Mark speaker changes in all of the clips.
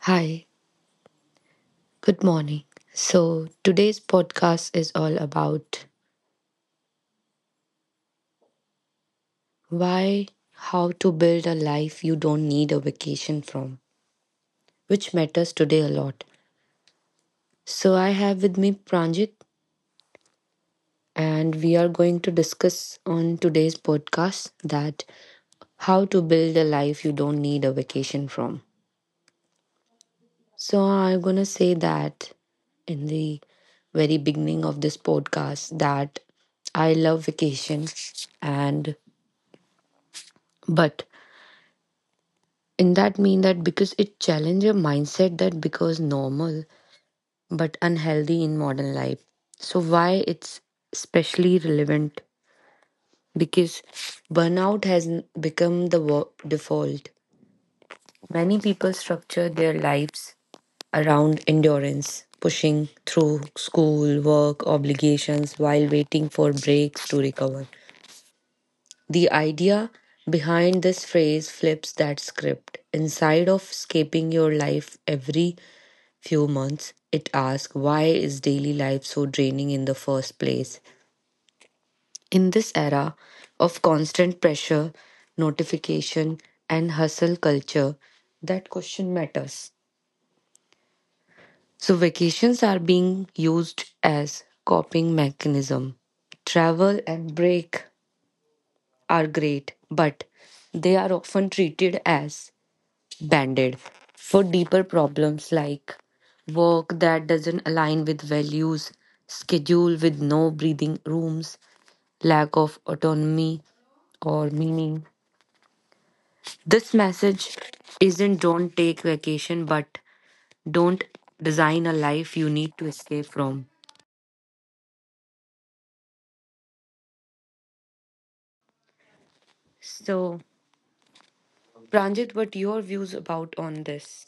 Speaker 1: Hi, good morning. So, today's podcast is all about why, how to build a life you don't need a vacation from, which matters today a lot. So, I have with me Pranjit, and we are going to discuss on today's podcast that how to build a life you don't need a vacation from. So, I'm gonna say that in the very beginning of this podcast that I love vacation and but And that mean that because it challenge a mindset that becomes normal but unhealthy in modern life. So why it's especially relevant? Because burnout has become the default. Many people structure their lives around endurance, pushing through school, work, obligations while waiting for breaks to recover. The idea behind this phrase flips that script. Inside of escaping your life every few months, it asks why is daily life so draining in the first place? In this era of constant pressure, notification, and hustle culture, that question matters. So vacations are being used as coping mechanism. Travel and break are great, but they are often treated as banded for deeper problems like work that doesn't align with values, schedule with no breathing rooms, lack of autonomy or meaning. This message isn't don't take vacation, but don't design a life you need to escape from. So, Pranjit, what your views about on this?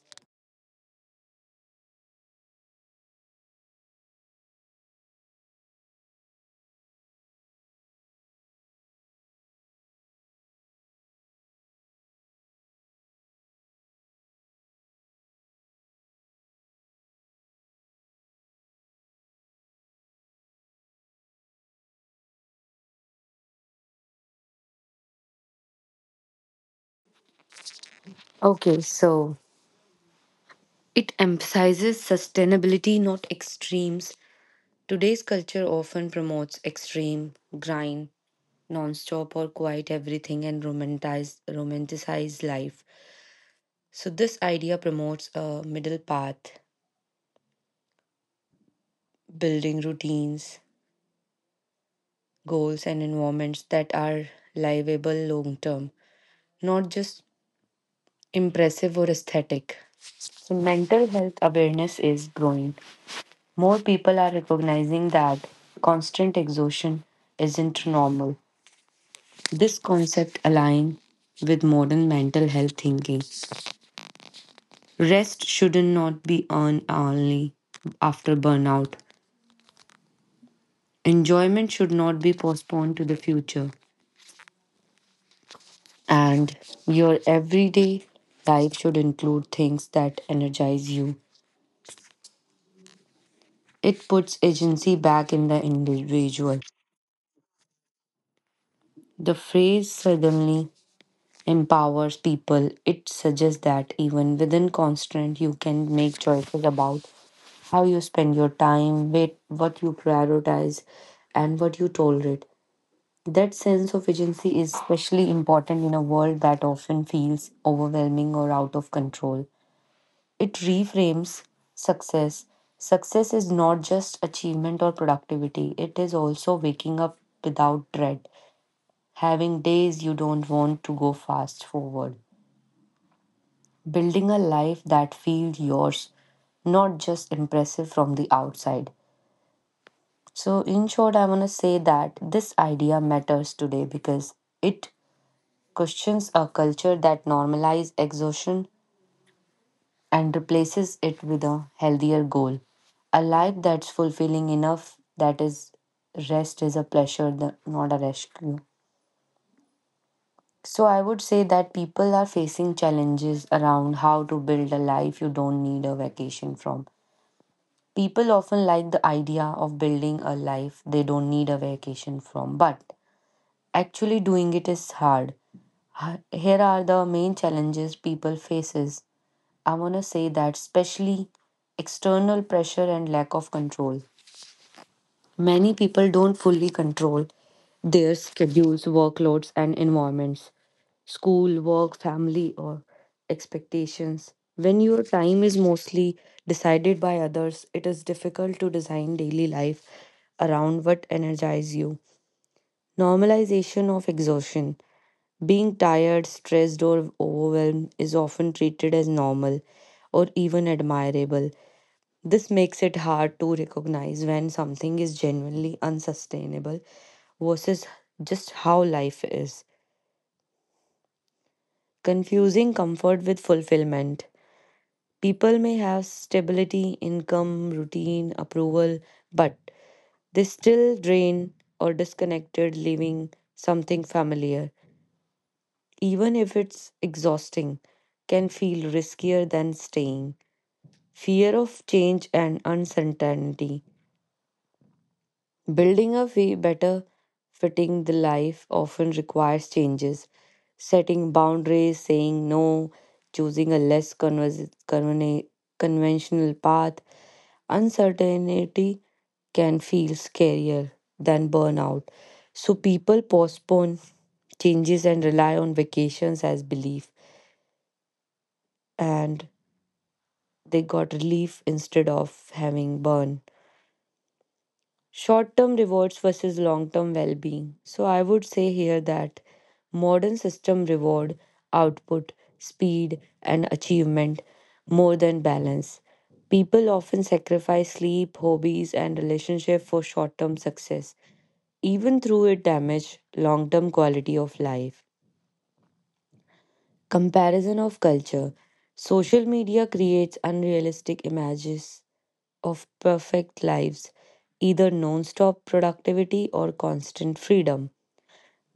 Speaker 1: Okay, so it emphasizes sustainability, not extremes. Today's culture often promotes extreme, grind, non-stop or quiet everything and romanticize life. So this idea promotes a middle path, building routines, goals and environments that are livable long term, not just impressive or aesthetic. So mental health awareness is growing. More people are recognizing that constant exhaustion isn't normal. This concept aligns with modern mental health thinking. Rest should not be earned only after burnout. Enjoyment should not be postponed to the future. And your everyday life should include things that energize you. It puts agency back in the individual. The phrase suddenly empowers people. It suggests that even within constraint, you can make choices about how you spend your time, wait, what you prioritize, and what you tolerate. That sense of agency is especially important in a world that often feels overwhelming or out of control. It reframes success. Success is not just achievement or productivity, it is also waking up without dread, having days you don't want to go fast forward, building a life that feels yours, not just impressive from the outside. So, in short, I want to say that this idea matters today because it questions a culture that normalizes exhaustion and replaces it with a healthier goal. A life that's fulfilling enough, that is, rest is a pleasure, not a rescue. So, I would say that people are facing challenges around how to build a life you don't need a vacation from. People often like the idea of building a life they don't need a vacation from, but actually doing it is hard. Here are the main challenges people faces. I want to say that especially external pressure and lack of control. Many people don't fully control their schedules, workloads, and environments. School, work, family, or expectations. When your time is mostly decided by others, it is difficult to design daily life around what energizes you. Normalization of exhaustion. Being tired, stressed, or overwhelmed is often treated as normal or even admirable. This makes it hard to recognize when something is genuinely unsustainable versus just how life is. Confusing comfort with fulfillment. People may have stability, income, routine, approval, but they still drain or disconnected, leaving something familiar, even if it's exhausting, can feel riskier than staying. Fear of change and uncertainty. Building a way better fitting the life often requires changes. Setting boundaries, saying no, choosing a less conventional path. Uncertainty can feel scarier than burnout. So people postpone changes and rely on vacations as belief. And they got relief instead of having burn. Short term rewards versus long term well being. So I would say here that modern system reward output, speed, and achievement more than balance. People often sacrifice sleep, hobbies, and relationship for short term success, even through it damage long term quality of life. Comparison of culture. Social media creates unrealistic images of perfect lives, either non stop productivity or constant freedom.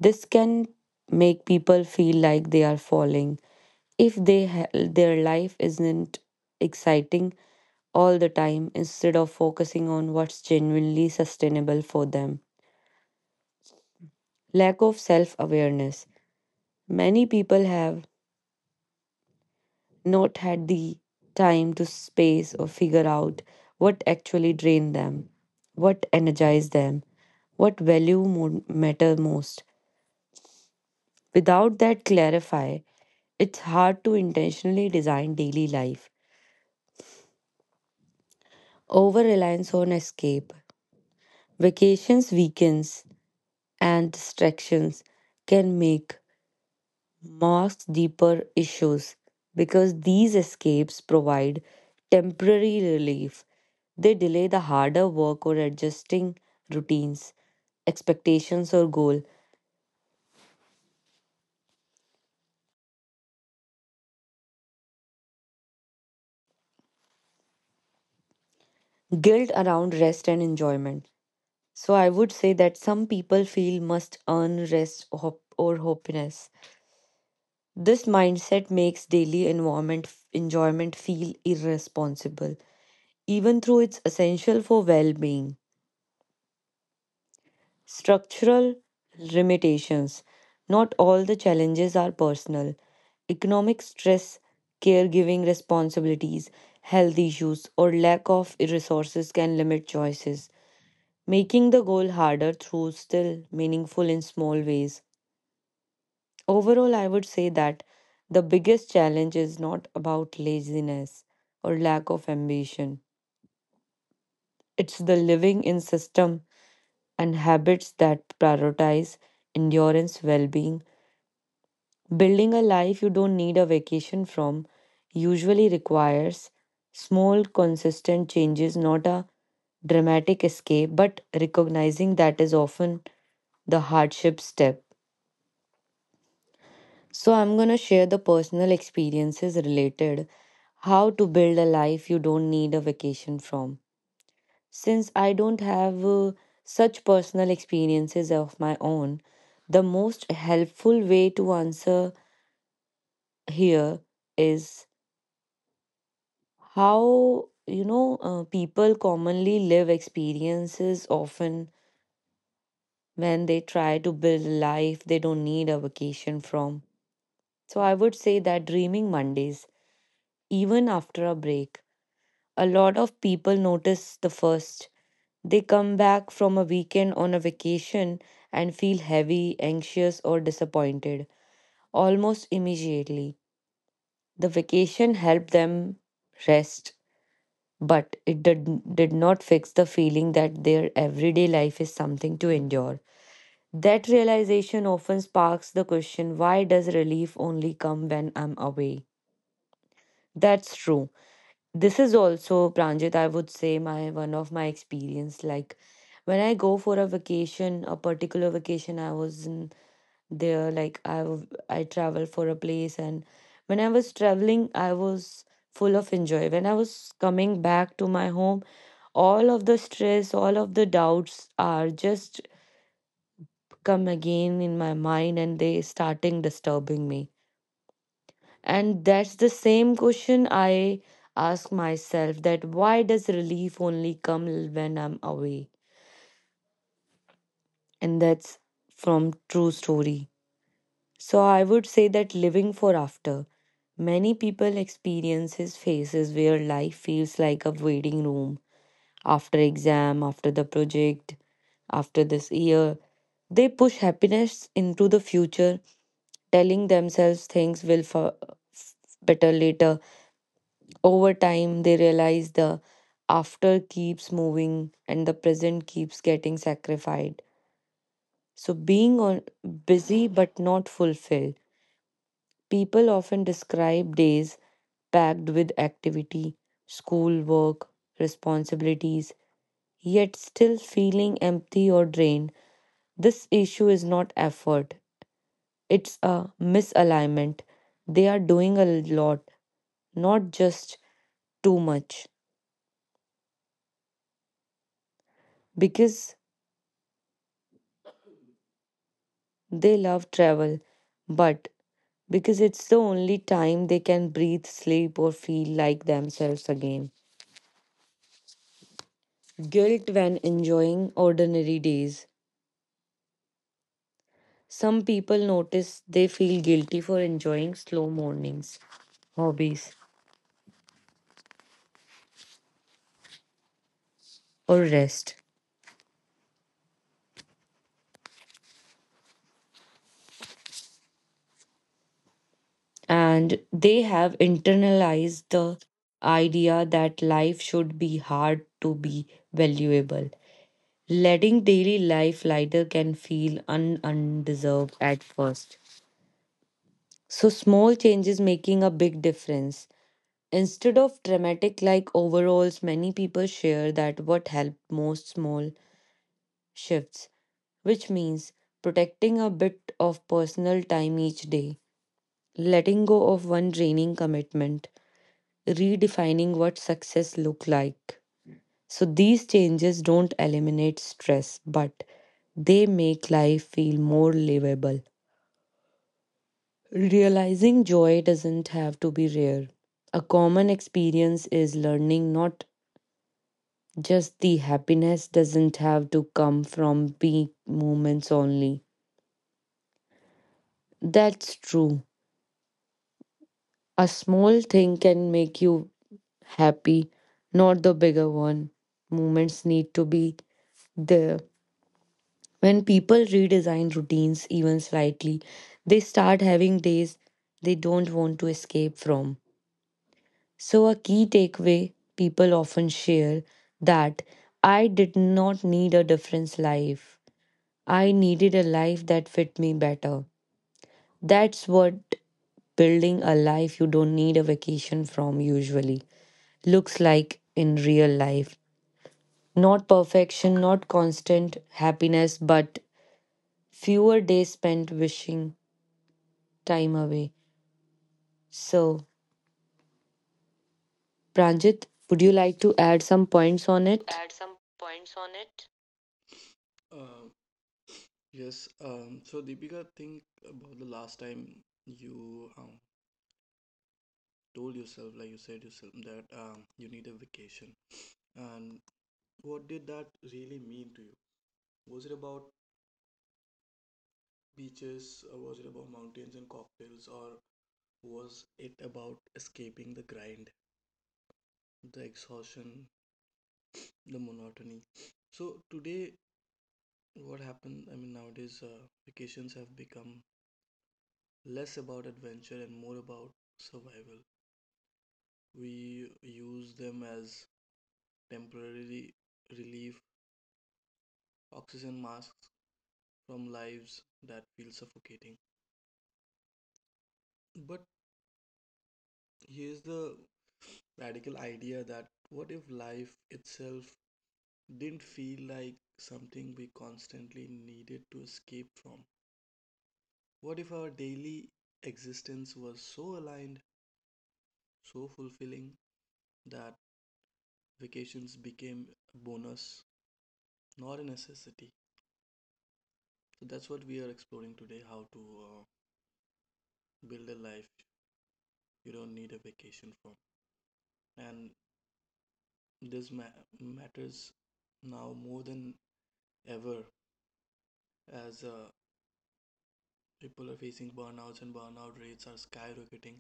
Speaker 1: This can make people feel like they are falling if they their life isn't exciting all the time instead of focusing on what's genuinely sustainable for them. Lack of self awareness. Many people have not had the time to space or figure out what actually drained them, what energized them, what value matter most. Without that clarify, it's hard to intentionally design daily life. Over reliance on escape, vacations, weekends, and distractions can make masks deeper issues because these escapes provide temporary relief. They delay the harder work or adjusting routines, expectations, or goal. Guilt around rest and enjoyment. So I would say that some people feel must earn rest or or happiness. This mindset makes daily environment enjoyment feel irresponsible, even though it's essential for well-being. Structural limitations. Not all the challenges are personal. Economic stress, caregiving responsibilities, health issues, or lack of resources can limit choices, making the goal harder through still meaningful in small ways. Overall, I would say that the biggest challenge is not about laziness or lack of ambition. It's the living in system and habits that prioritize endurance, well-being. Building a life you don't need a vacation from usually requires small, consistent changes, not a dramatic escape, but recognizing that is often the hardship step. So, I'm going to share the personal experiences related how to build a life you don't need a vacation from. Since I don't have such personal experiences of my own, the most helpful way to answer here is how you know people commonly live experiences often when they try to build a life they don't need a vacation from. So I would say that dreaming Mondays even after a break, a lot of people notice the first they come back from a weekend on a vacation and feel heavy anxious or disappointed almost immediately. The vacation helped them rest but it did not fix the feeling that their everyday life is something to endure. That realization often sparks the question why does relief only come when I'm away? That's true. This is also, Pranjit, I would say, my one of my experience. Like when I go for a vacation, a particular vacation, I was in there, like I, I travel for a place, and when I was traveling, I was full of enjoy. When I was coming back to my home, all of the stress, all of the doubts are just come again in my mind and they starting disturbing me. And that's the same question I ask myself that why does relief only come when I'm away? And that's from true story. So I would say that living for after. Many people experiences phases where life feels like a waiting room after exam, after the project, after this year. They push happiness into the future, telling themselves things will better later. Over time, they realize the after keeps moving and the present keeps getting sacrificed. So, being on, busy but not fulfilled, people often describe days packed with activity, school work, responsibilities, yet still feeling empty or drained. This issue is not effort, it's a misalignment. They are doing a lot, not just too much, because they love travel, but because it's the only time they can breathe, sleep, or feel like themselves again. Guilt when enjoying ordinary days. Some people notice they feel guilty for enjoying slow mornings, hobbies, or rest, and they have internalized the idea that life should be hard to be valuable. Letting daily life lighter can feel undeserved at first. So, small changes making a big difference. Instead of dramatic like overalls, many people share that what helped most small shifts, which means protecting a bit of personal time each day, letting go of one draining commitment, redefining what success look like. So these changes don't eliminate stress, but they make life feel more livable. Realizing joy doesn't have to be rare. A common experience is learning not just the happiness doesn't have to come from big moments only. That's true. A small thing can make you happy, not the bigger one. Moments need to be there. When people redesign routines even slightly, they start having days they don't want to escape from. So, a key takeaway people often share that I did not need a different life. I needed a life that fit me better. That's what building a life you don't need a vacation from usually looks like in real life. Not perfection, not constant happiness, but fewer days spent wishing time away. So, Pranjit, would you like to add some points on it?
Speaker 2: Add some points on it? Uh, yes. So Deepika, think about the last time you told yourself, like you said yourself, that you need a vacation. And what did that really mean to you? Was it about beaches, or was it about mountains and cocktails, or was it about escaping the grind, the exhaustion, the monotony? So today, what happened? I mean, nowadays, vacations have become less about adventure and more about survival. We use them as temporary relief, oxygen masks from lives that feel suffocating. But here's the radical idea that what if life itself didn't feel like something we constantly needed to escape from? What if our daily existence was so aligned, so fulfilling, that vacations became a bonus, not a necessity? So that's what we are exploring today: how to uh, build a life you don't need a vacation from. And this matters now more than ever, as people are facing burnouts, and burnout rates are skyrocketing.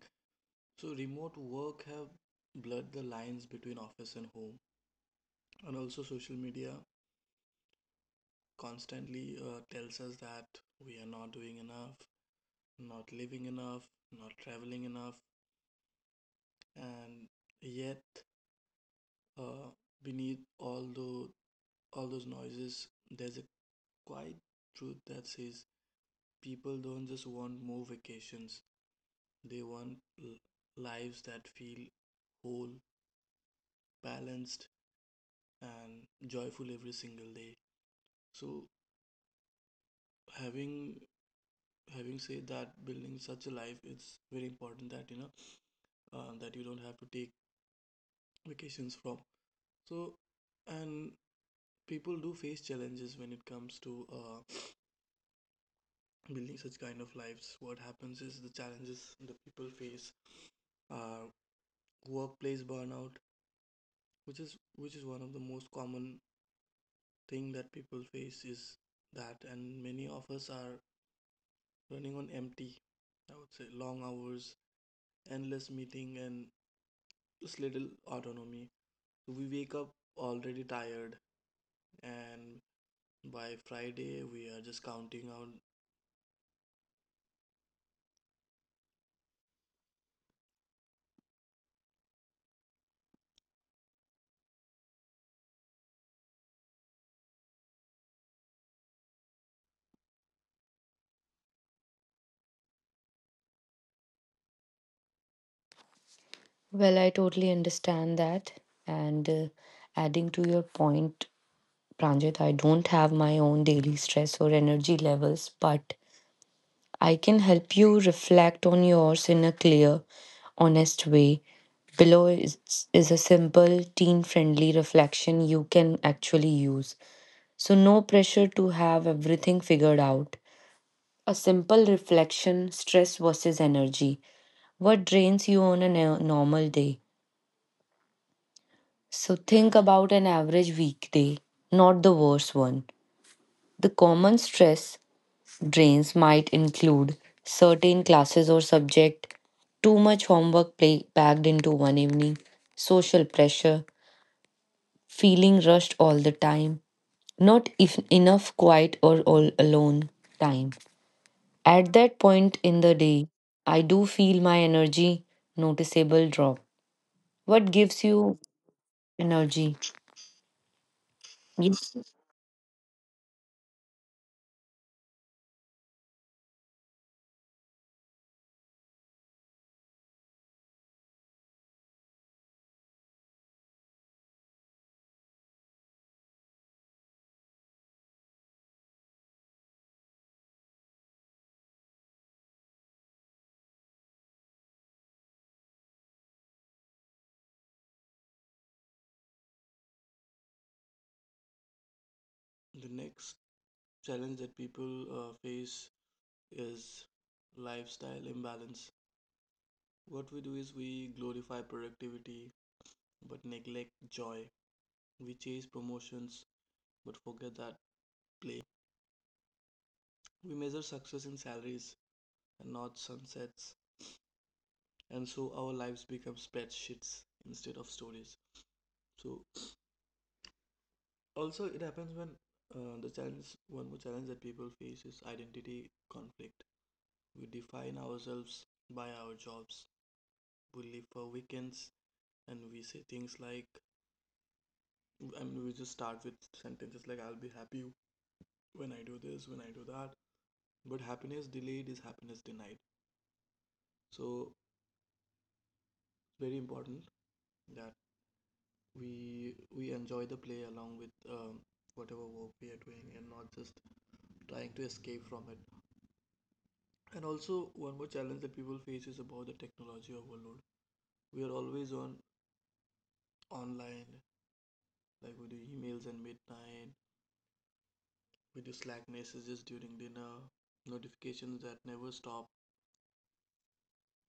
Speaker 2: So remote work have blurred the lines between office and home. And also, social media constantly tells us that we are not doing enough, not living enough, not traveling enough, and yet, Uh, beneath all those noises, there's a quiet truth that says people don't just want more vacations. They want l- lives that feel whole, balanced, and joyful every single day. So having having said that, building such a life, it's very important that that you don't have to take vacations from. So and people do face challenges when it comes to building such kind of lives. What happens is, the challenges the people face are workplace burnout, which is one of the most common thing that people face is that, and many of us are running on empty. I would say long hours, endless meeting, and just little autonomy. So we wake up already tired, and by Friday we are just counting out.
Speaker 1: Well, I totally understand that. And Adding to your point, Pranjit, I don't have my own daily stress or energy levels, but I can help you reflect on yours in a clear, honest way. Below is a simple, teen friendly reflection you can actually use. So, no pressure to have everything figured out. A simple reflection: stress versus energy. What drains you on a normal day? So think about an average weekday, not the worst one. The common stress drains might include certain classes or subject, too much homework packed into one evening, social pressure, feeling rushed all the time, not if enough quiet or all alone time. At that point in the day, I do feel my energy noticeable drop. What gives you energy? Yes,
Speaker 2: The next challenge that people face is lifestyle imbalance. What we do is we glorify productivity but neglect joy. We chase promotions but forget that play. We measure success in salaries and not sunsets. And so our lives become spreadsheets instead of stories. So also it happens when, one more challenge that people face is identity conflict. We define ourselves by our jobs, we live for weekends, and we say things like, I mean, we just start with sentences like, I'll be happy when I do this, when I do that. But happiness delayed is happiness denied. So it's very important that we enjoy the play along with whatever work we are doing, and not just trying to escape from it. And also, one more challenge that people face is about the technology overload. We are always on, online, like we do emails at midnight, with the Slack messages during dinner, notifications that never stop,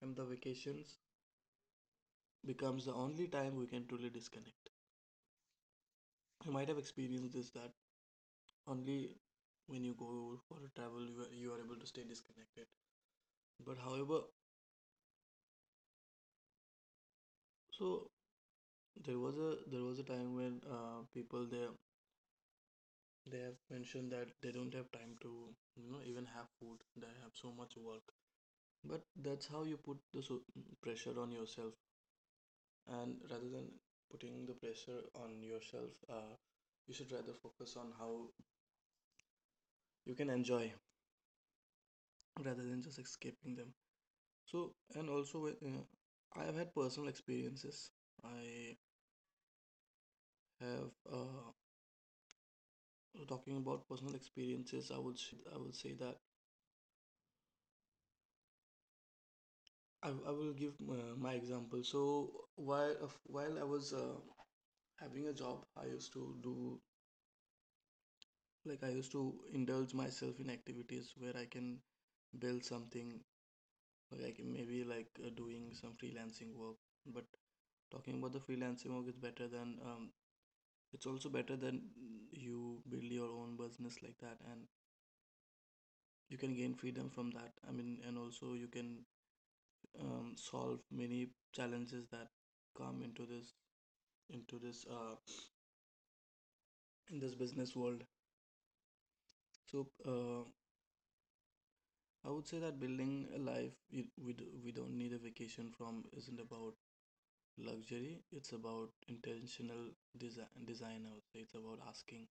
Speaker 2: and the vacations becomes the only time we can truly disconnect. You might have experienced this, that only when you go for a travel you are able to stay disconnected. But however, so there was a time when, people there they have mentioned that they don't have time to even have food. They have so much work. But that's how you put the pressure on yourself, and rather than putting the pressure on yourself, you should rather focus on how you can enjoy rather than just escaping them. So and also, I have had personal experiences, I have talking about personal experiences, I would say that I will give my example. So while I was having a job, I used to do, like, I used to indulge myself in activities where I can build something, like maybe doing some freelancing work. But talking about the freelancing work is better than, it's also better than you build your own business like that, and you can gain freedom from that, I mean. And also, you can solve many challenges that come into this in this business world. So I would say that building a life we don't need a vacation from isn't about luxury, it's about intentional design, I would say. It's about asking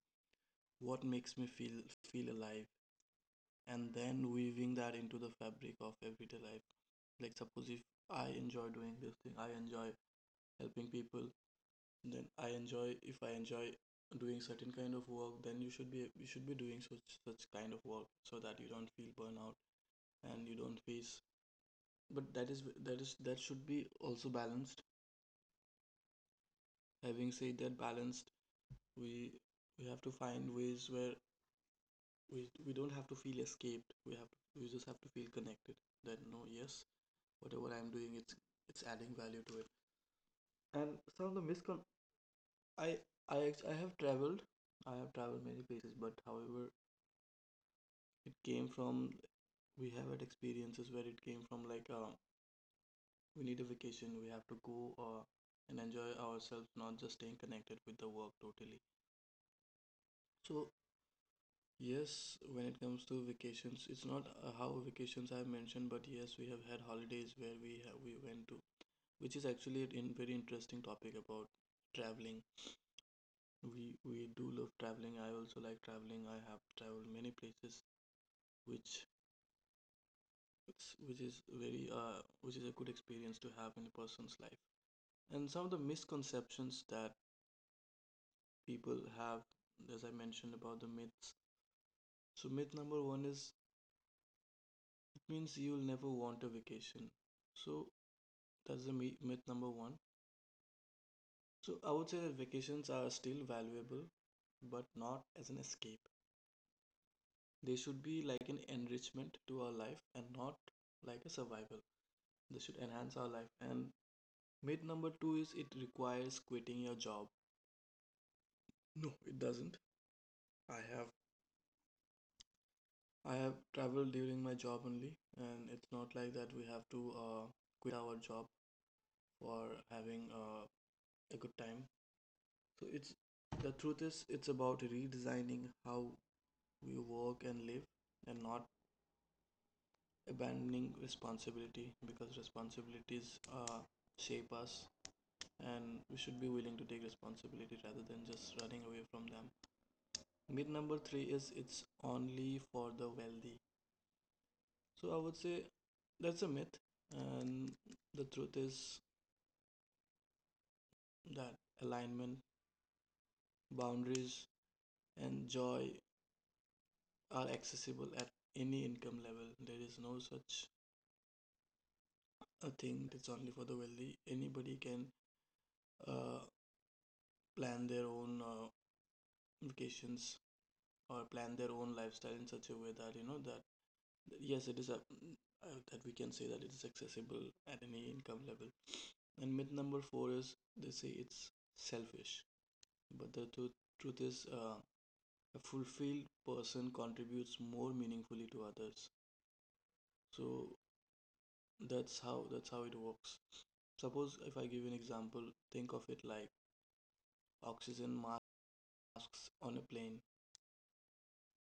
Speaker 2: what makes me feel alive, and then weaving that into the fabric of everyday life. Like, suppose if I enjoy doing this thing, I enjoy helping people, then I enjoy, if I enjoy doing certain kind of work, then you should be doing such kind of work, so that you don't feel burnout and you don't face. But that should be also balanced. Having said that balanced, we we have to find ways where we don't have to feel escaped, we just have to feel connected, that, no, yes, whatever I'm doing, it's adding value to it. And some of the miscon I I act- I have traveled, many places, but however it came from, we have had experiences where it came from like, we need a vacation, we have to go, and enjoy ourselves, not just staying connected with the work totally. So, yes, when it comes to vacations, it's not, how vacations I've mentioned, but yes, we have had holidays where we have, we went to, which is actually a, in, very interesting topic about traveling. We do love traveling. I also like traveling. I have traveled many places, which it's- which is very which is a good experience to have in a person's life. And some of the misconceptions that people have, as I mentioned about the myths. So myth number one is, it means you'll never want a vacation. So that's the myth number one. So I would say that vacations are still valuable, but not as an escape. They should be like an enrichment to our life, and not like a survival. They should enhance our life. And myth number two is, it requires quitting your job. No, it doesn't. I have I have traveled during my job only, and it's not like that we have to quit our job for having a good time. So it's the truth is, it's about redesigning how we work and live, and not abandoning responsibility, because responsibilities shape us, and we should be willing to take responsibility rather than just running away from them. Myth number three is, it's only for the wealthy. So I would say that's a myth, and the truth is that alignment, boundaries, and joy are accessible at any income level. There is no such a thing that it's only for the wealthy. Anybody can uh, plan their own vacations, or plan their own lifestyle in such a way that, that, yes, that we can say that it is accessible at any income level. And myth number four is, they say it's selfish. But the truth is, a fulfilled person contributes more meaningfully to others. So that's how it works. Suppose, if I give you an example, think of it like oxygen masks on a plane.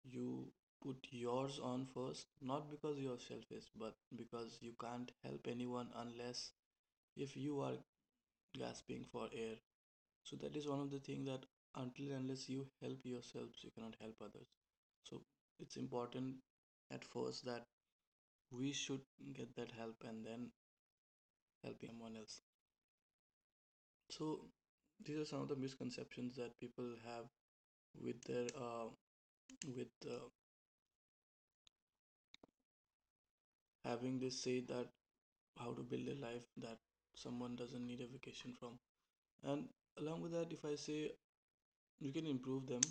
Speaker 2: You put yours on first, not because you're selfish, but because you can't help anyone unless if you are gasping for air. So that is one of the things, that until and unless you help yourselves, you cannot help others. So it's important, at first, that we should get that help and then helping someone else. So these are some of the misconceptions that people have with their with having this say that how to build a life that someone doesn't need a vacation from. And along with that, if I say, we can improve them.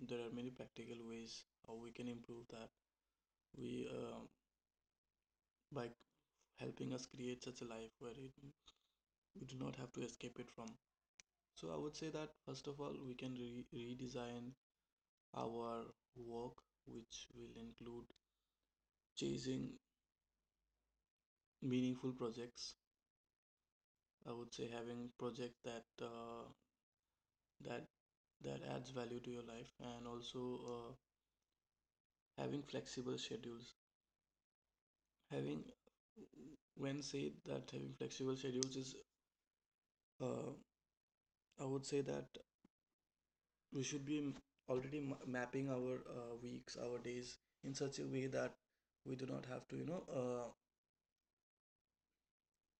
Speaker 2: There are many practical ways how we can improve that. We, by helping us create such a life where we do not have to escape it from. So I would say that, first of all, we can redesign our work, which will include chasing meaningful projects. I would say, having projects that that adds value to your life, and also, uh, having flexible schedules. Having, when say that, having flexible schedules is uh, I would say that we should be already mapping our weeks, our days in such a way that we do not have to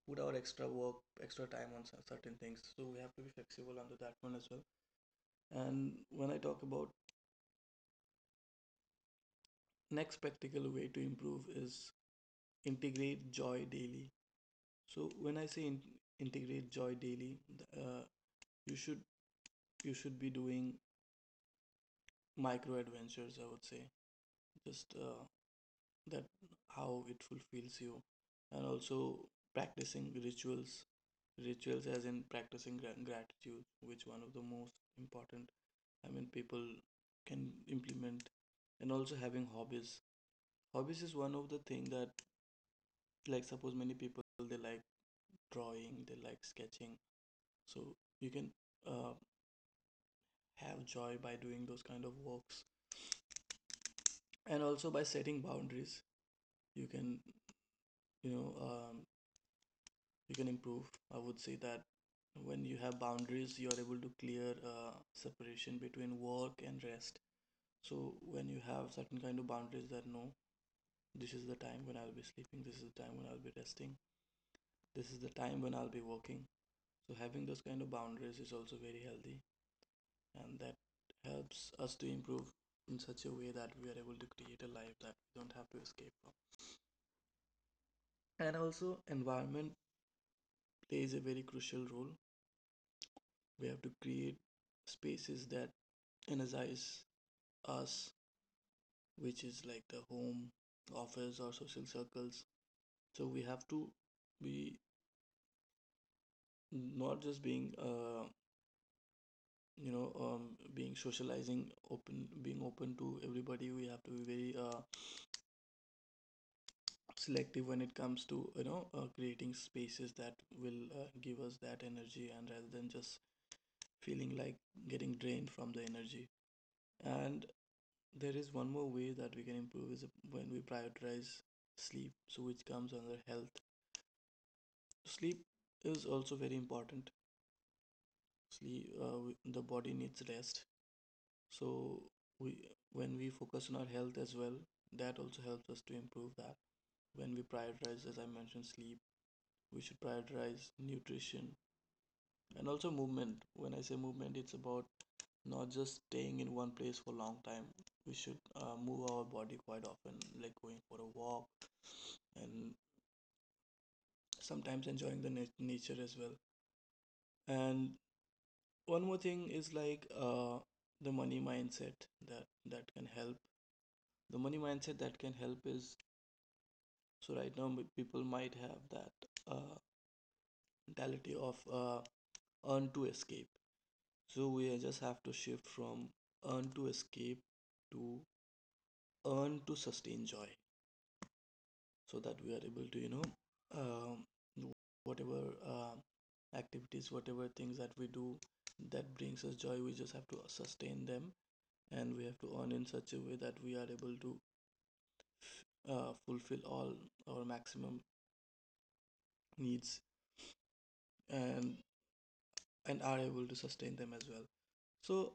Speaker 2: put our extra work, extra time on certain things. So we have to be flexible under that one as well. And when I talk about next practical way to improve is, integrate joy daily. So when I say, integrate joy daily, you should you should be doing micro adventures. I would say just that how it fulfills you, and also practicing rituals. Rituals, as in practicing gratitude, which one of the most important. I mean, people can implement, and also having hobbies. Hobbies is one of the thing that, like, suppose many people they like drawing, they like sketching. So you can uh, have joy by doing those kind of works, and also by setting boundaries you can you know um, you can improve. I would say that when you have boundaries you are able to clear separation between work and rest. So when you have certain kind of boundaries, that no, this is the time when I'll be sleeping, this is the time when I'll be resting, this is the time when I'll be working. So having those kind of boundaries is also very healthy, and that helps us to improve in such a way that we are able to create a life that we don't have to escape from. And also, environment plays a very crucial role. We have to create spaces that energize us, which is like the home, office, or social circles. So we have to be, not just being being socializing open being open to everybody. We have to be very selective when it comes to creating spaces that will give us that energy, and rather than just feeling like getting drained from the energy. And there is one more way that we can improve is when we prioritize sleep, so which comes under health. Sleep is also very important. Sleep. The body needs rest. So we, when we focus on our health as well, that also helps us to improve that. When we prioritize, as I mentioned, sleep, we should prioritize nutrition and also movement. When I say movement, it's about not just staying in one place for a long time. We should move our body quite often, like going for a walk and sometimes enjoying the nature as well. And one more thing is like the money mindset that can help. The money mindset that can help is, so right now people might have that uh, mentality of earn to escape. So we just have to shift from earn to escape to earn to sustain joy. So that we are able to, um, whatever activities, whatever things that we do that brings us joy, we just have to sustain them. And we have to earn in such a way that we are able to fulfill all our maximum needs, and and are able to sustain them as well. So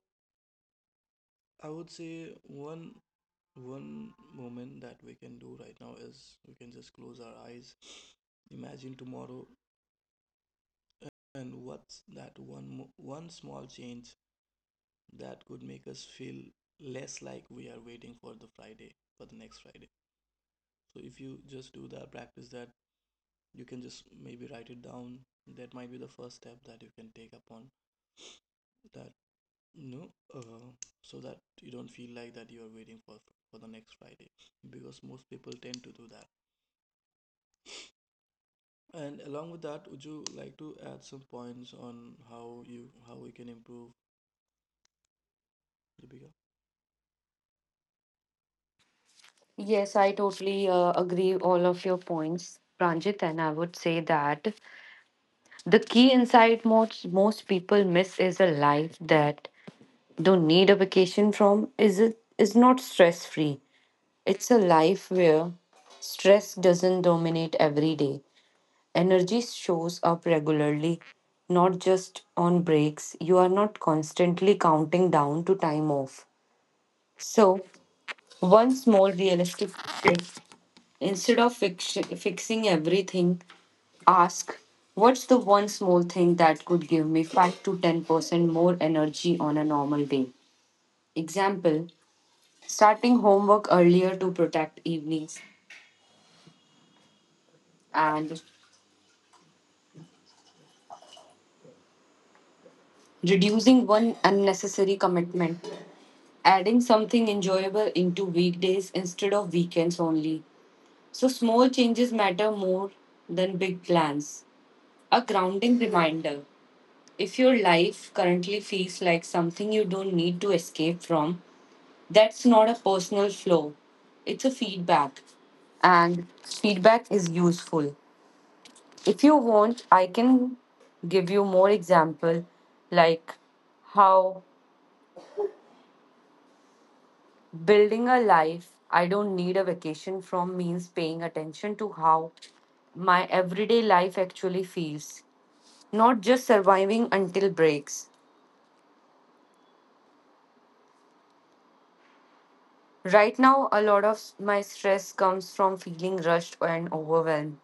Speaker 2: I would say one moment that we can do right now is we can just close our eyes, imagine tomorrow, and what's that one small change that could make us feel less like we are waiting for the Friday, for the next Friday. So if you just do that, practice that, you can just maybe write it down. That might be the first step that you can take upon that, you know, uh, so that you don't feel like that you are waiting for the next Friday, because most people tend to do that. And along with that, would you like to add some points on how we can improve, Deepika?
Speaker 1: yes, I totally agree all of your points, Pranjit, and I would say that the key insight most people miss is a life that don't need a vacation from is it is not stress free. It's a life where stress doesn't dominate every day. Energy shows up regularly, not just on breaks. You are not constantly counting down to time off. So, one small realistic tip: instead of fixing everything, ask what's the one small thing that could give me 5 to 10% more energy on a normal day? Example: starting homework earlier to protect evenings and reducing one unnecessary commitment, adding something enjoyable into weekdays instead of weekends only. So small changes matter more than big plans. A grounding reminder: if your life currently feels like something you don't need to escape from, that's not a personal flaw, it's a feedback. And feedback is useful. If you want, I can give you more example like how building a life I don't need a vacation from means paying attention to how my everyday life actually feels, not just surviving until breaks. Right now, a lot of my stress comes from feeling rushed and overwhelmed,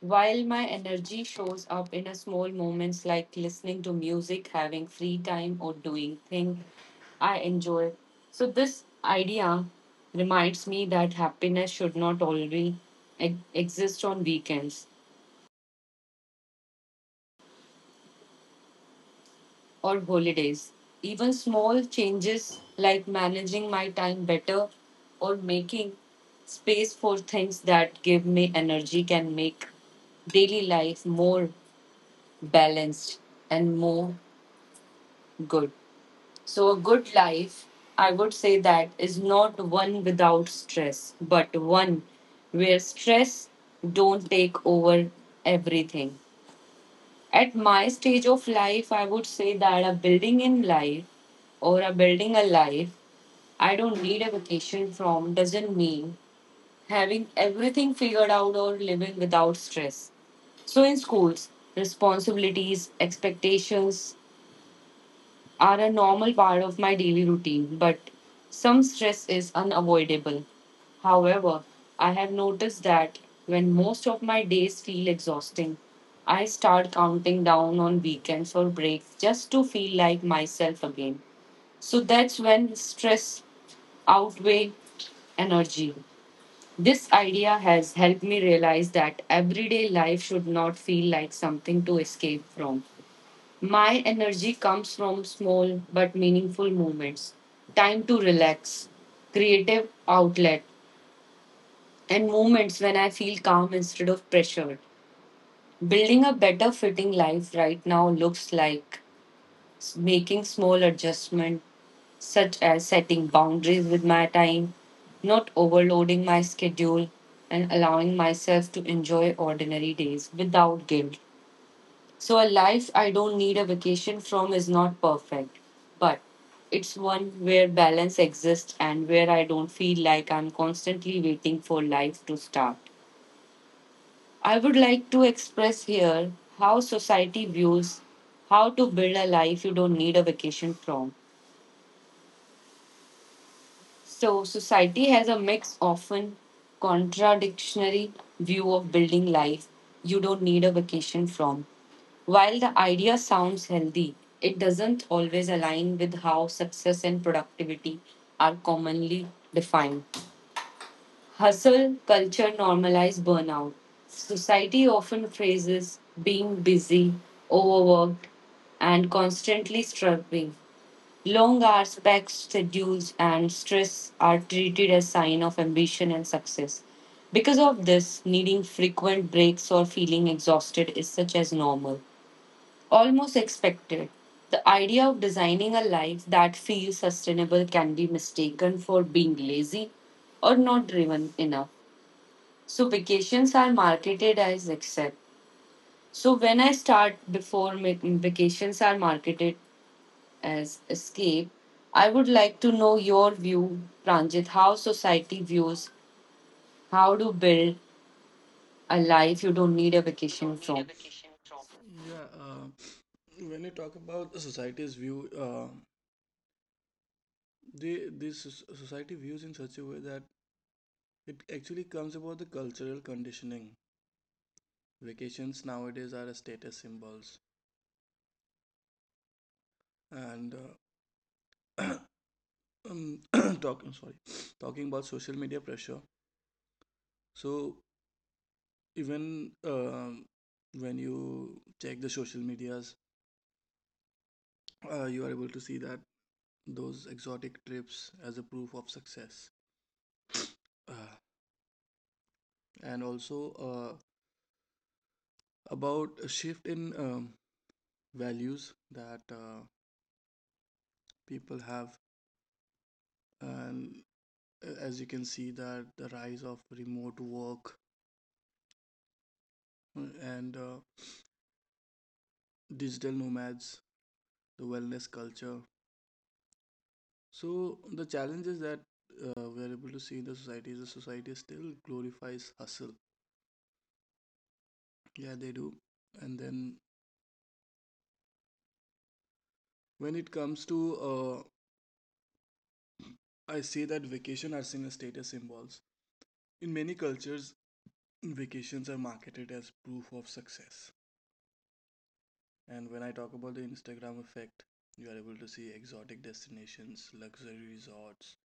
Speaker 1: while my energy shows up in a small moments like listening to music, having free time, or doing things I enjoy. So, this idea reminds me that happiness should not always exist on weekends or holidays. Even small changes like managing my time better or making space for things that give me energy can make daily life more balanced and more good. So, a good life, I would say that, is not one without stress, but one where stress don't take over everything. At my stage of life, I would say that a building in life or a building a life I don't need a vacation from doesn't mean having everything figured out or living without stress. So, in schools, responsibilities, expectations, are a normal part of my daily routine, but some stress is unavoidable. However, I have noticed that when most of my days feel exhausting, I start counting down on weekends or breaks just to feel like myself again. So that's when stress outweigh energy. This idea has helped me realize that everyday life should not feel like something to escape from. My energy comes from small but meaningful moments, time to relax, creative outlet, and moments when I feel calm instead of pressured. Building a better fitting life right now looks like making small adjustments such as setting boundaries with my time, not overloading my schedule, and allowing myself to enjoy ordinary days without guilt. So, a life I don't need a vacation from is not perfect, but it's one where balance exists and where I don't feel like I'm constantly waiting for life to start. I would like to express here how society views how to build a life you don't need a vacation from. So society has a mix, often contradictory view of building life you don't need a vacation from. While the idea sounds healthy, it doesn't always align with how success and productivity are commonly defined. Hustle culture normalizes burnout. Society often phrases being busy, overworked, and constantly struggling. Long hours, packed schedules, and stress are treated as sign of ambition and success. Because of this, needing frequent breaks or feeling exhausted is such as normal, almost expected. The idea of designing a life that feels sustainable can be mistaken for being lazy or not driven enough. So vacations are marketed as accept. So when I start before vacations are marketed as escape, I would like to know your view, Pranjit, how society views how to build a life you don't need a
Speaker 2: You
Speaker 1: vacation
Speaker 2: don't need a
Speaker 1: from.
Speaker 2: vacation from. Yeah, when you talk about the society's view, society views in such a way that it actually comes about the cultural conditioning. Vacations nowadays are a status symbols, and uh, um, talking sorry, talking about social media pressure. So even when you check the social medias, you are able to see that those exotic trips as a proof of success, uh, and also about a shift in. Values that people have, and as you can see that the rise of remote work, and digital nomads, the wellness culture. So the challenge is that we're able to see in the society is the society still glorifies hustle. Yeah, they do. And then when it comes to uh, I say that vacation are seen as status symbols, in many cultures vacations are marketed as proof of success. And when I talk about the Instagram effect, you are able to see exotic destinations, luxury resorts.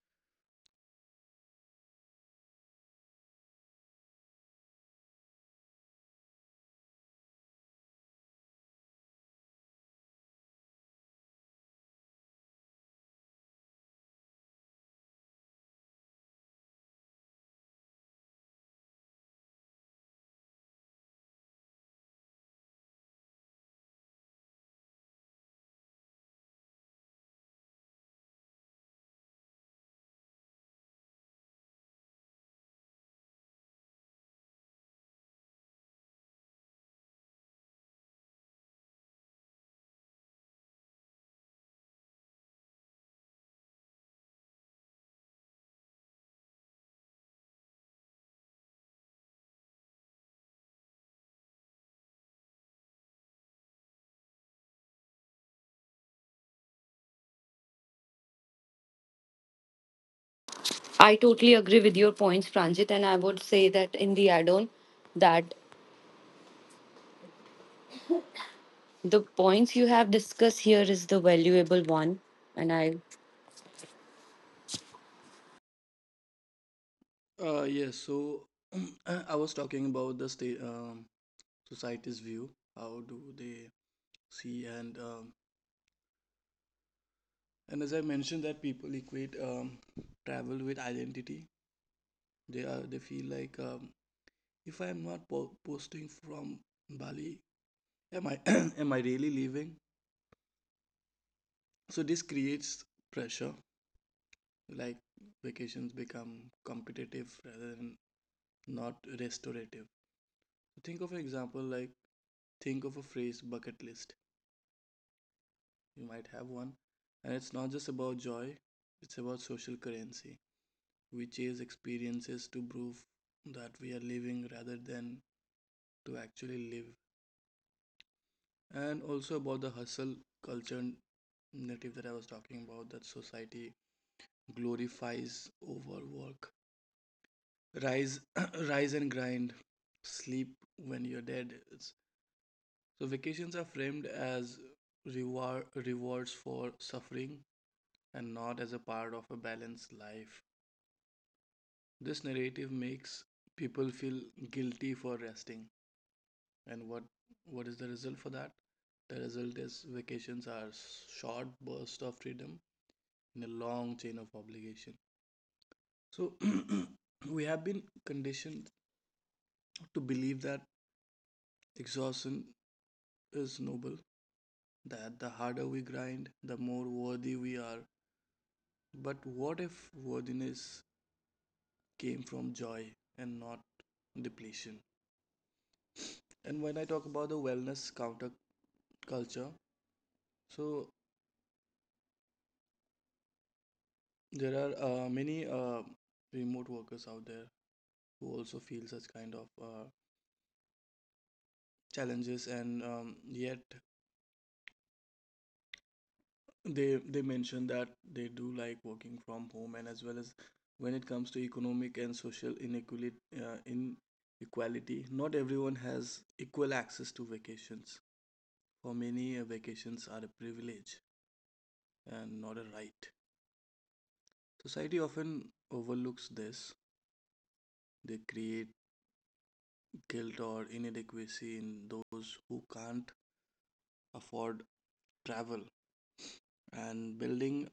Speaker 1: I totally agree with your points, Pranjit, and I would say that in the add on, that the points you have discussed here is the valuable one. And I,
Speaker 2: Yes, so I was talking about the state society's view. How do they see? And as I mentioned that people equate travel with identity. They feel like, if I am not posting from Bali, am I am I really leaving? So this creates pressure. Like vacations become competitive rather than not restorative. Think of an example, like, think of a phrase bucket list. You might have one. And it's not just about joy, it's about social currency. We chase experiences to prove that we are living rather than to actually live. And also about the hustle culture narrative that I was talking about, that society glorifies overwork. Rise rise and grind. Sleep when you're dead. So vacations are framed as rewards for suffering and not as a part of a balanced life. This narrative makes people feel guilty for resting. And what is the result for that? The result is vacations are short bursts of freedom in a long chain of obligation. So we have been conditioned to believe that exhaustion is noble, that the harder we grind, the more worthy we are. But what if worthiness came from joy and not depletion? And when I talk about the wellness counterculture, so there are many remote workers out there who also feel such kind of challenges, and yet they mention that they do like working from home, and as well as when it comes to economic and social inequality, not everyone has equal access to vacations. For many, vacations are a privilege and not a right. Society often overlooks this. They create guilt or inadequacy in those who can't afford travel, and building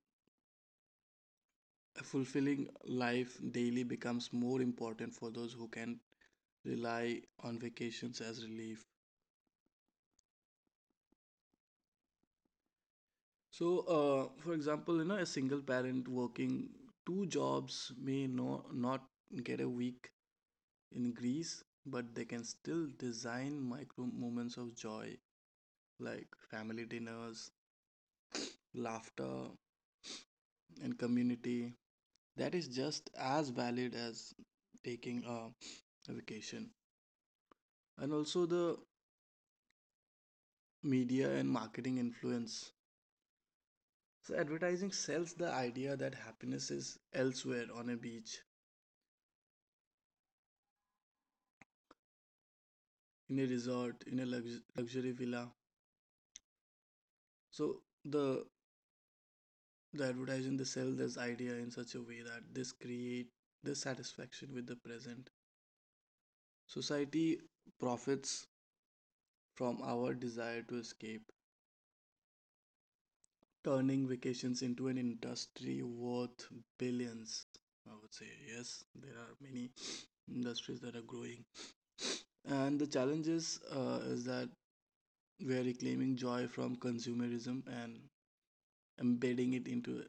Speaker 2: a fulfilling life daily becomes more important for those who can rely on vacations as relief. So for example, a single parent working two jobs may not get a week in Greece, but they can still design micro moments of joy, like family dinners, laughter, and community that is just as valid as taking a vacation. And also the media and marketing influence. So advertising sells the idea that happiness is elsewhere, on a beach, in a resort, in a luxury villa. So the the advertising, they sell this idea in such a way that this create dissatisfaction with the present. Society profits from our desire to escape, turning vacations into an industry worth billions. I would say yes, there are many industries that are growing, and the challenges is that we are reclaiming joy from consumerism and embedding it into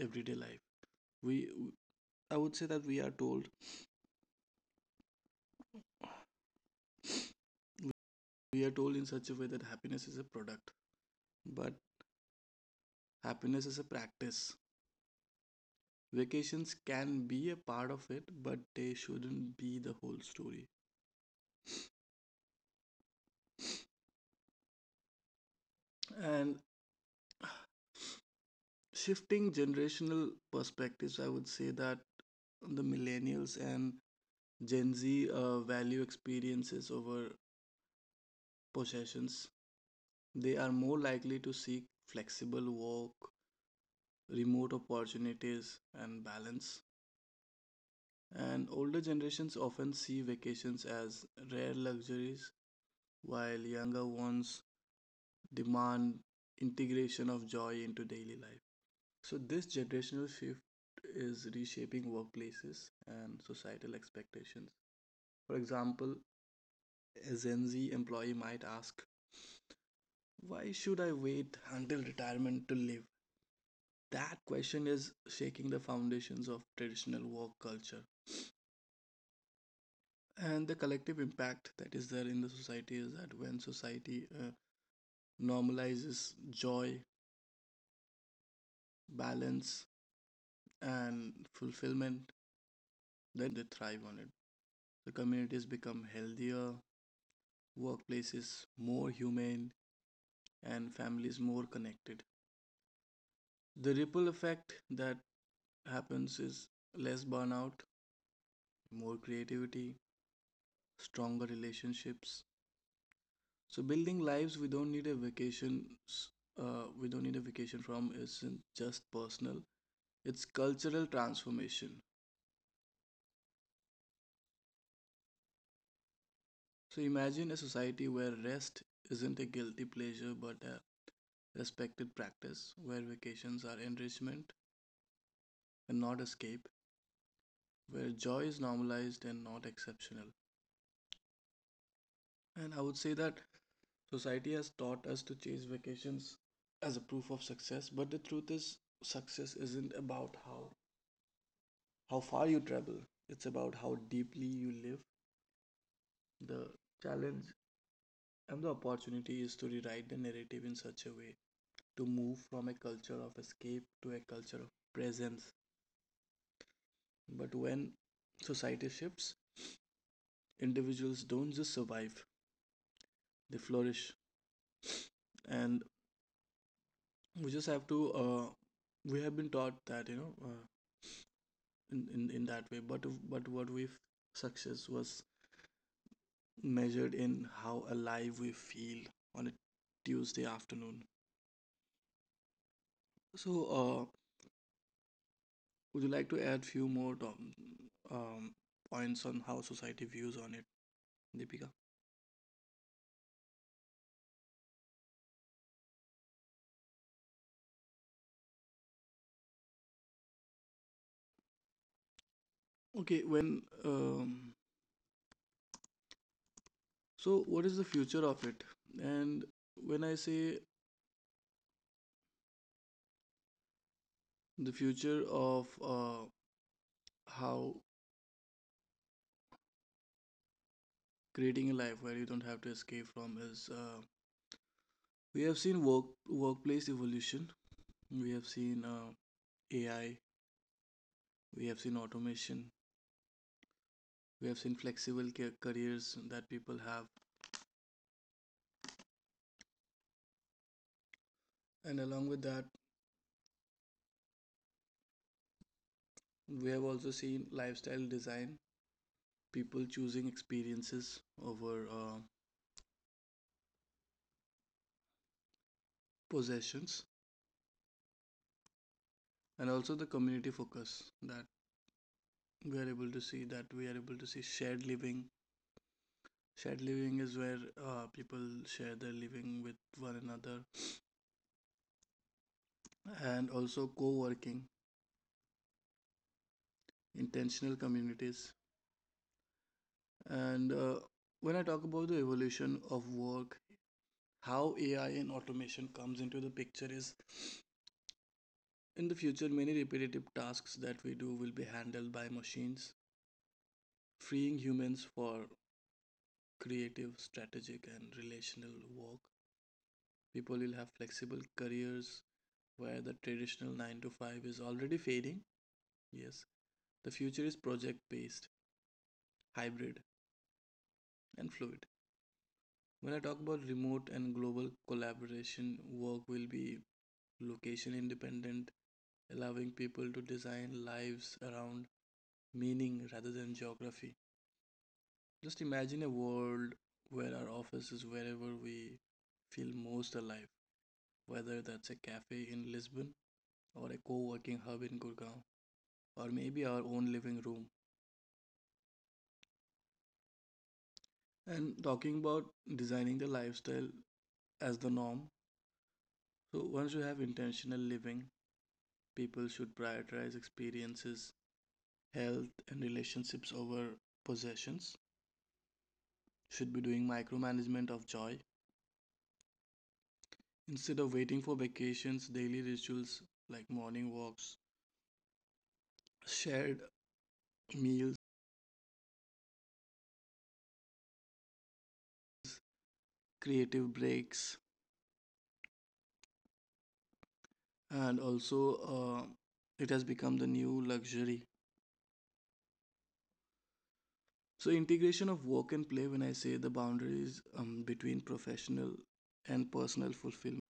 Speaker 2: everyday life. We, I would say that we are told in such a way that happiness is a product, but happiness is a practice. Vacations can be a part of it, but they shouldn't be the whole story. And shifting generational perspectives, I would say that the millennials and Gen Z value experiences over possessions. They are more likely to seek flexible work, remote opportunities, and balance. And older generations often see vacations as rare luxuries, while younger ones demand integration of joy into daily life. So this generational shift is reshaping workplaces and societal expectations. For example, a Gen Z employee might ask, "Why should I wait until retirement to live?" That question is shaking the foundations of traditional work culture. And the collective impact that is there in the society is that when society normalizes joy, balance, and fulfillment, then they thrive on it. The communities become healthier, workplaces more humane, and families more connected. The ripple effect that happens is less burnout, more creativity, stronger relationships. So building lives we don't need a vacation from isn't just personal, it's cultural transformation. So imagine a society where rest isn't a guilty pleasure but a respected practice, where vacations are enrichment and not escape, where joy is normalized and not exceptional. And I would say that society has taught us to chase vacations as a proof of success, but the truth is, success isn't about how far you travel. It's about how deeply you live. The challenge and the opportunity is to rewrite the narrative in such a way, to move from a culture of escape to a culture of presence. But when society shifts, individuals don't just survive; they flourish. And we just have to We have been taught that in that way but what we success was measured in how alive we feel on a Tuesday afternoon. So uh, would you like to add few more um, points on how society views on it, Deepika? Okay, when so what is the future of it? And when I say the future of how creating a life where you don't have to escape from is we have seen workplace evolution. We have seen AI. We have seen automation. We have seen flexible careers that people have, and along with that, we have also seen lifestyle design. People choosing experiences over uh, possessions, and also the community focus that we are able to see. Shared living. Shared living is where people share their living with one another, and also co-working intentional communities. And when I talk about the evolution of work, how AI and automation comes into the picture is in the future, many repetitive tasks that we do will be handled by machines, freeing humans for creative, strategic, and relational work. People will have flexible careers where the traditional 9 to 5 is already fading. Yes, the future is project based, hybrid, and fluid. When I talk about remote and global collaboration, work will be location independent, allowing people to design lives around meaning rather than geography. Just imagine a world where our office is wherever we feel most alive, whether that's a cafe in Lisbon or a co working hub in Gurgaon, or maybe our own living room. And talking about designing the lifestyle as the norm, so once you have intentional living, people should prioritize experiences, health, and relationships over possessions. Should be doing micromanagement of joy instead of waiting for vacations, daily rituals like morning walks, shared meals, creative breaks, and also uh, it has become the new luxury. So, integration of work and play, when I say the boundaries between professional and personal fulfillment,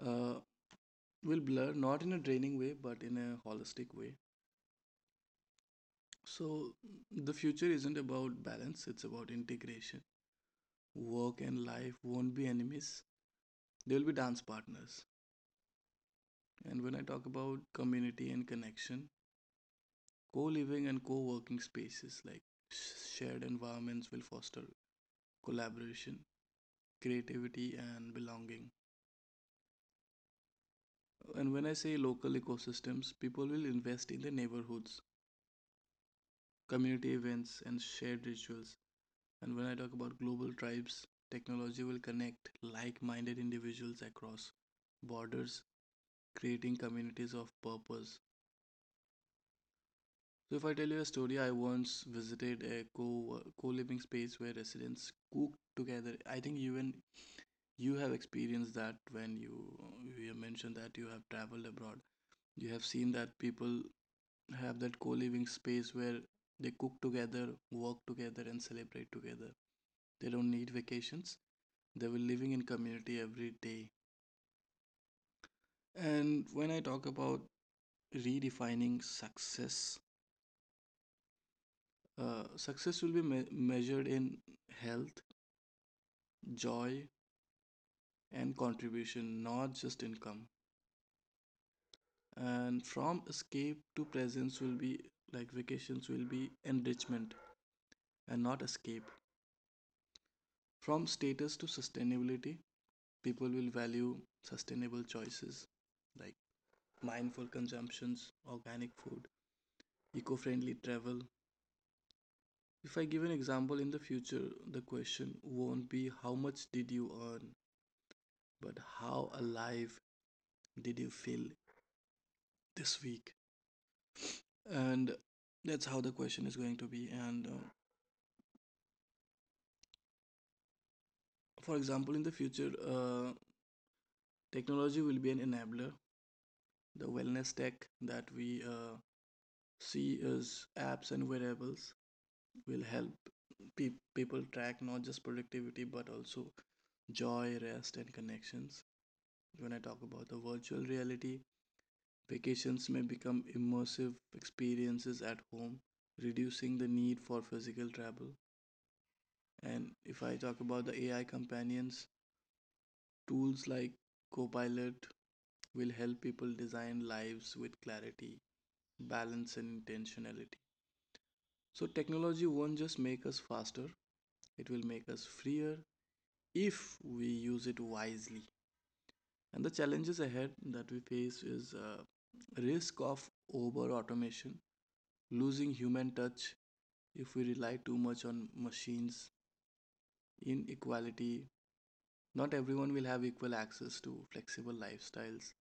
Speaker 2: uh, will blur not in a draining way but in a holistic way. So, the future isn't about balance, it's about integration. Work and life won't be enemies, they'll be dance partners. And when I talk about community and connection, co living and co working spaces like shared environments will foster collaboration, creativity, and belonging. And when I say local ecosystems, people will invest in the neighborhoods, community events, and shared rituals. And when I talk about global tribes, technology will connect like minded individuals across borders, creating communities of purpose. So, if I tell you a story, I once visited a co living space where residents cooked together. I think even you have experienced that when you mentioned that you have traveled abroad. You have seen that people have that co living space where they cook together, work together, and celebrate together. They don't need vacations. They were living in community every day. And when I talk about redefining success, success will be measured in health, joy, and contribution, not just income. And from escape to presence will be like vacations will be enrichment and not escape. From status to sustainability, people will value sustainable choices like mindful consumptions, organic food, eco friendly travel. If I give an example in the future, the question won't be how much did you earn, but how alive did you feel this week? And that's how the question is going to be. And for example, in the future, technology will be an enabler. The wellness tech that we see as apps and wearables will help people track not just productivity but also joy, rest, and connections. When I talk about the virtual reality, vacations may become immersive experiences at home, reducing the need for physical travel. And if I talk about the AI companions, tools like Copilot will help people design lives with clarity, balance, and intentionality. So, technology won't just make us faster, it will make us freer if we use it wisely. And the challenges ahead that we face is risk of over automation losing human touch if we rely too much on machines, inequality. Not everyone will have equal access to flexible lifestyles,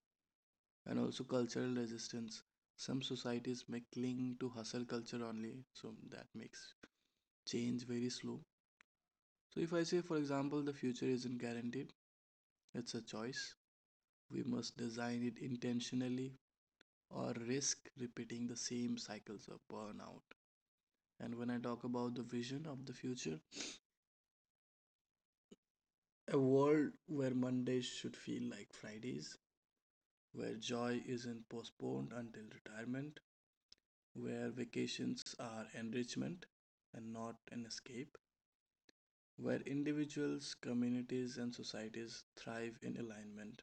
Speaker 2: and also cultural resistance. Some societies may cling to hustle culture only, so that makes change very slow. So, if I say, for example, the future isn't guaranteed, it's a choice. We must design it intentionally or risk repeating the same cycles of burnout. And when I talk about the vision of the future, a world where Mondays should feel like Fridays, where joy isn't postponed until retirement, where vacations are enrichment and not an escape, where individuals, communities, and societies thrive in alignment.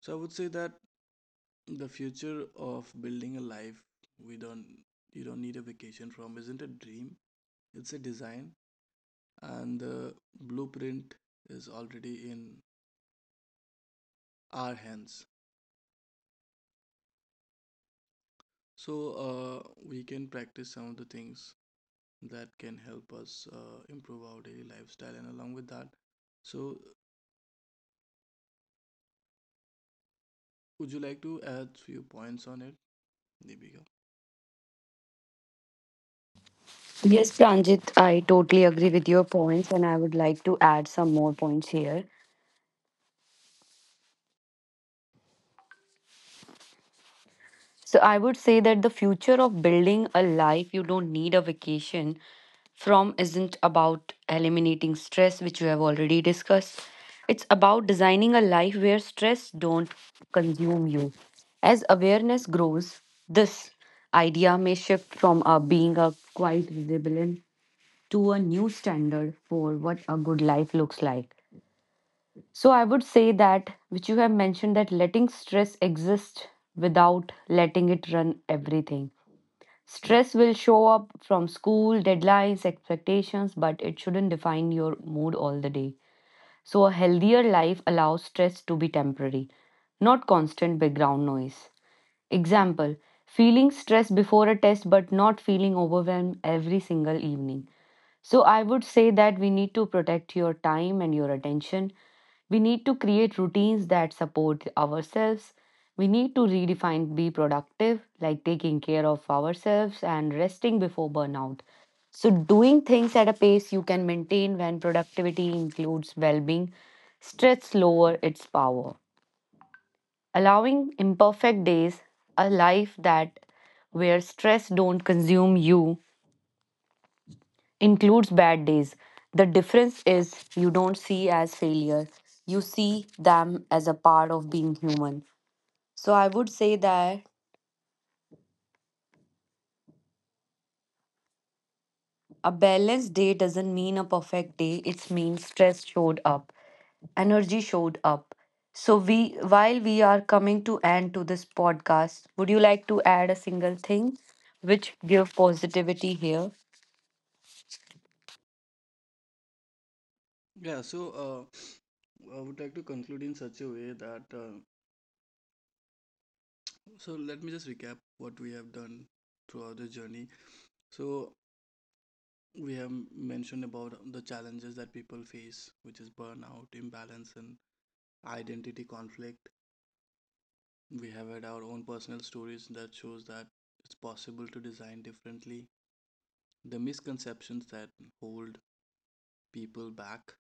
Speaker 2: So I would say that the future of building a life we don't you don't need a vacation from isn't a dream, it's a design, and the blueprint is already in our hands. So, we can practice some of the things that can help us improve our daily lifestyle, and along with that, so would you like to add few points on it, Deepika?
Speaker 1: yes, Pranjit, I totally agree with your points, and I would like to add some more points here. So I would say that the future of building a life you don't need a vacation from isn't about eliminating stress, which we have already discussed. It's about designing a life where stress don't consume you. As awareness grows, this idea may shift from a being a quite resilient to a new standard for what a good life looks like. So I would say that, which you have mentioned, that letting stress exist without letting it run everything. Stress will show up from school, deadlines, expectations, but it shouldn't define your mood all the day. So a healthier life allows stress to be temporary, not constant background noise. Example: feeling stressed before a test but not feeling overwhelmed every single evening. So I would say that we need to protect your time and your attention. We need to create routines that support ourselves. We need to redefine be productive, like taking care of ourselves and resting before burnout. So, doing things at a pace you can maintain when productivity includes well being, stretch lower its power. Allowing imperfect days, a life that where stress don't consume you includes bad days. The difference is you don't see as failure. You see them as a part of being human. So I would say that a balanced day doesn't mean a perfect day. It means stress showed up, energy showed up. So we while we are coming to end to this podcast, would you like to add a single thing which give positivity here?
Speaker 2: Yeah, so I would like to conclude in such a way that so let me just recap what we have done throughout the journey. So we have mentioned about the challenges that people face, which is burnout, imbalance, and identity conflict. We have had our own personal stories that shows that it's possible to design differently. The misconceptions that hold people back,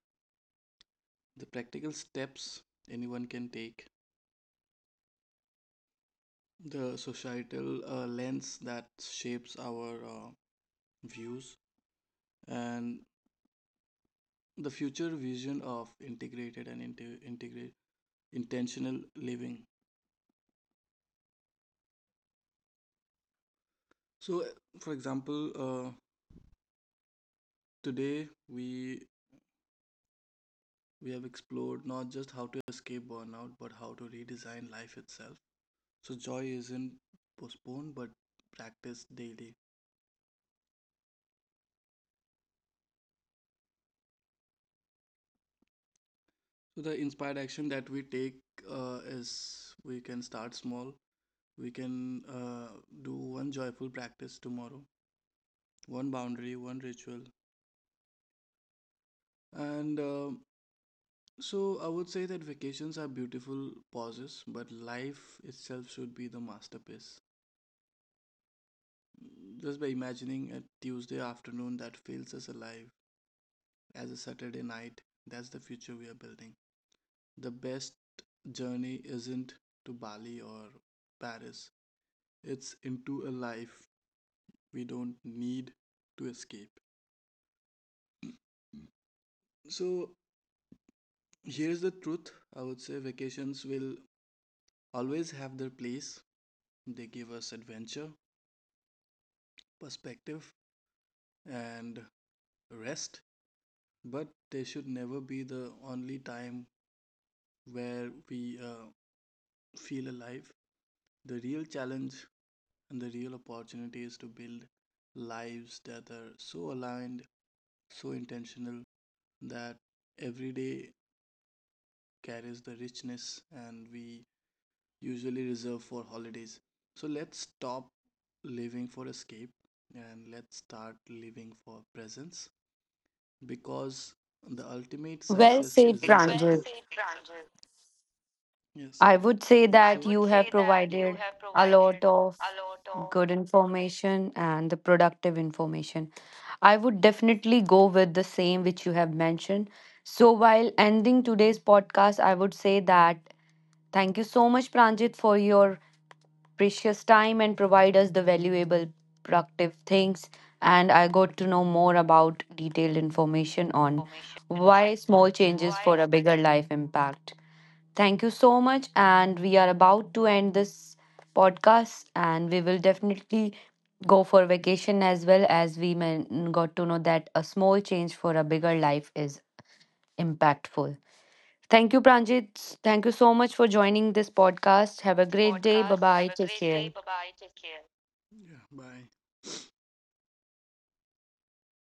Speaker 2: the practical steps anyone can take, the societal lens that shapes our views, and the future vision of integrated and inte- integrate intentional living. So, for example, today we have explored not just how to escape burnout, but how to redesign life itself. So joy isn't postponed but practiced daily. So the inspired action that we take is we can start small. We can do one joyful practice tomorrow, one boundary, one ritual. And so I would say that vacations are beautiful pauses, but life itself should be the masterpiece. Just by imagining a Tuesday afternoon that feels as alive as a Saturday night, that's the future we are building. The best journey isn't to Bali or Paris, it's into a life we don't need to escape. So, here's the truth. I would say vacations will always have their place. They give us adventure, perspective, and rest, but they should never be the only time where we feel alive. The real challenge and the real opportunity is to build lives that are so aligned, so intentional, that every day carries the richness and we usually reserve for holidays. So let's stop living for escape and let's start living for presence because the ultimate
Speaker 1: Well
Speaker 2: success
Speaker 1: said,
Speaker 2: isn't. Well
Speaker 1: Pranjit.
Speaker 2: said, Pranjal. Yes,
Speaker 1: I
Speaker 2: correct.
Speaker 1: would say
Speaker 2: I so
Speaker 1: that
Speaker 2: would
Speaker 1: you have
Speaker 2: say that you
Speaker 1: provided
Speaker 2: have
Speaker 1: a
Speaker 2: provided
Speaker 1: lot of
Speaker 2: a lot of
Speaker 1: good information and the productive information. I would definitely go with the same which you have mentioned. So, while ending today's podcast, I would say that thank you so much, Pranjit, for your precious time and provide us the valuable, productive things. And I got to know more about detailed information on
Speaker 2: information on
Speaker 1: why small changes for a
Speaker 2: wise
Speaker 1: bigger life impact. Thank you so much. And we are about to end this podcast, and we will definitely go for vacation as well as we got to know that a small change for a bigger life is impactful. Thank you, Pranjit. Thank you so much for joining this podcast. Have a great day. Bye
Speaker 2: podcast. Have
Speaker 1: bye.
Speaker 2: a
Speaker 1: Take
Speaker 2: great
Speaker 1: care.
Speaker 2: day. Bye bye. Take care. Yeah, bye.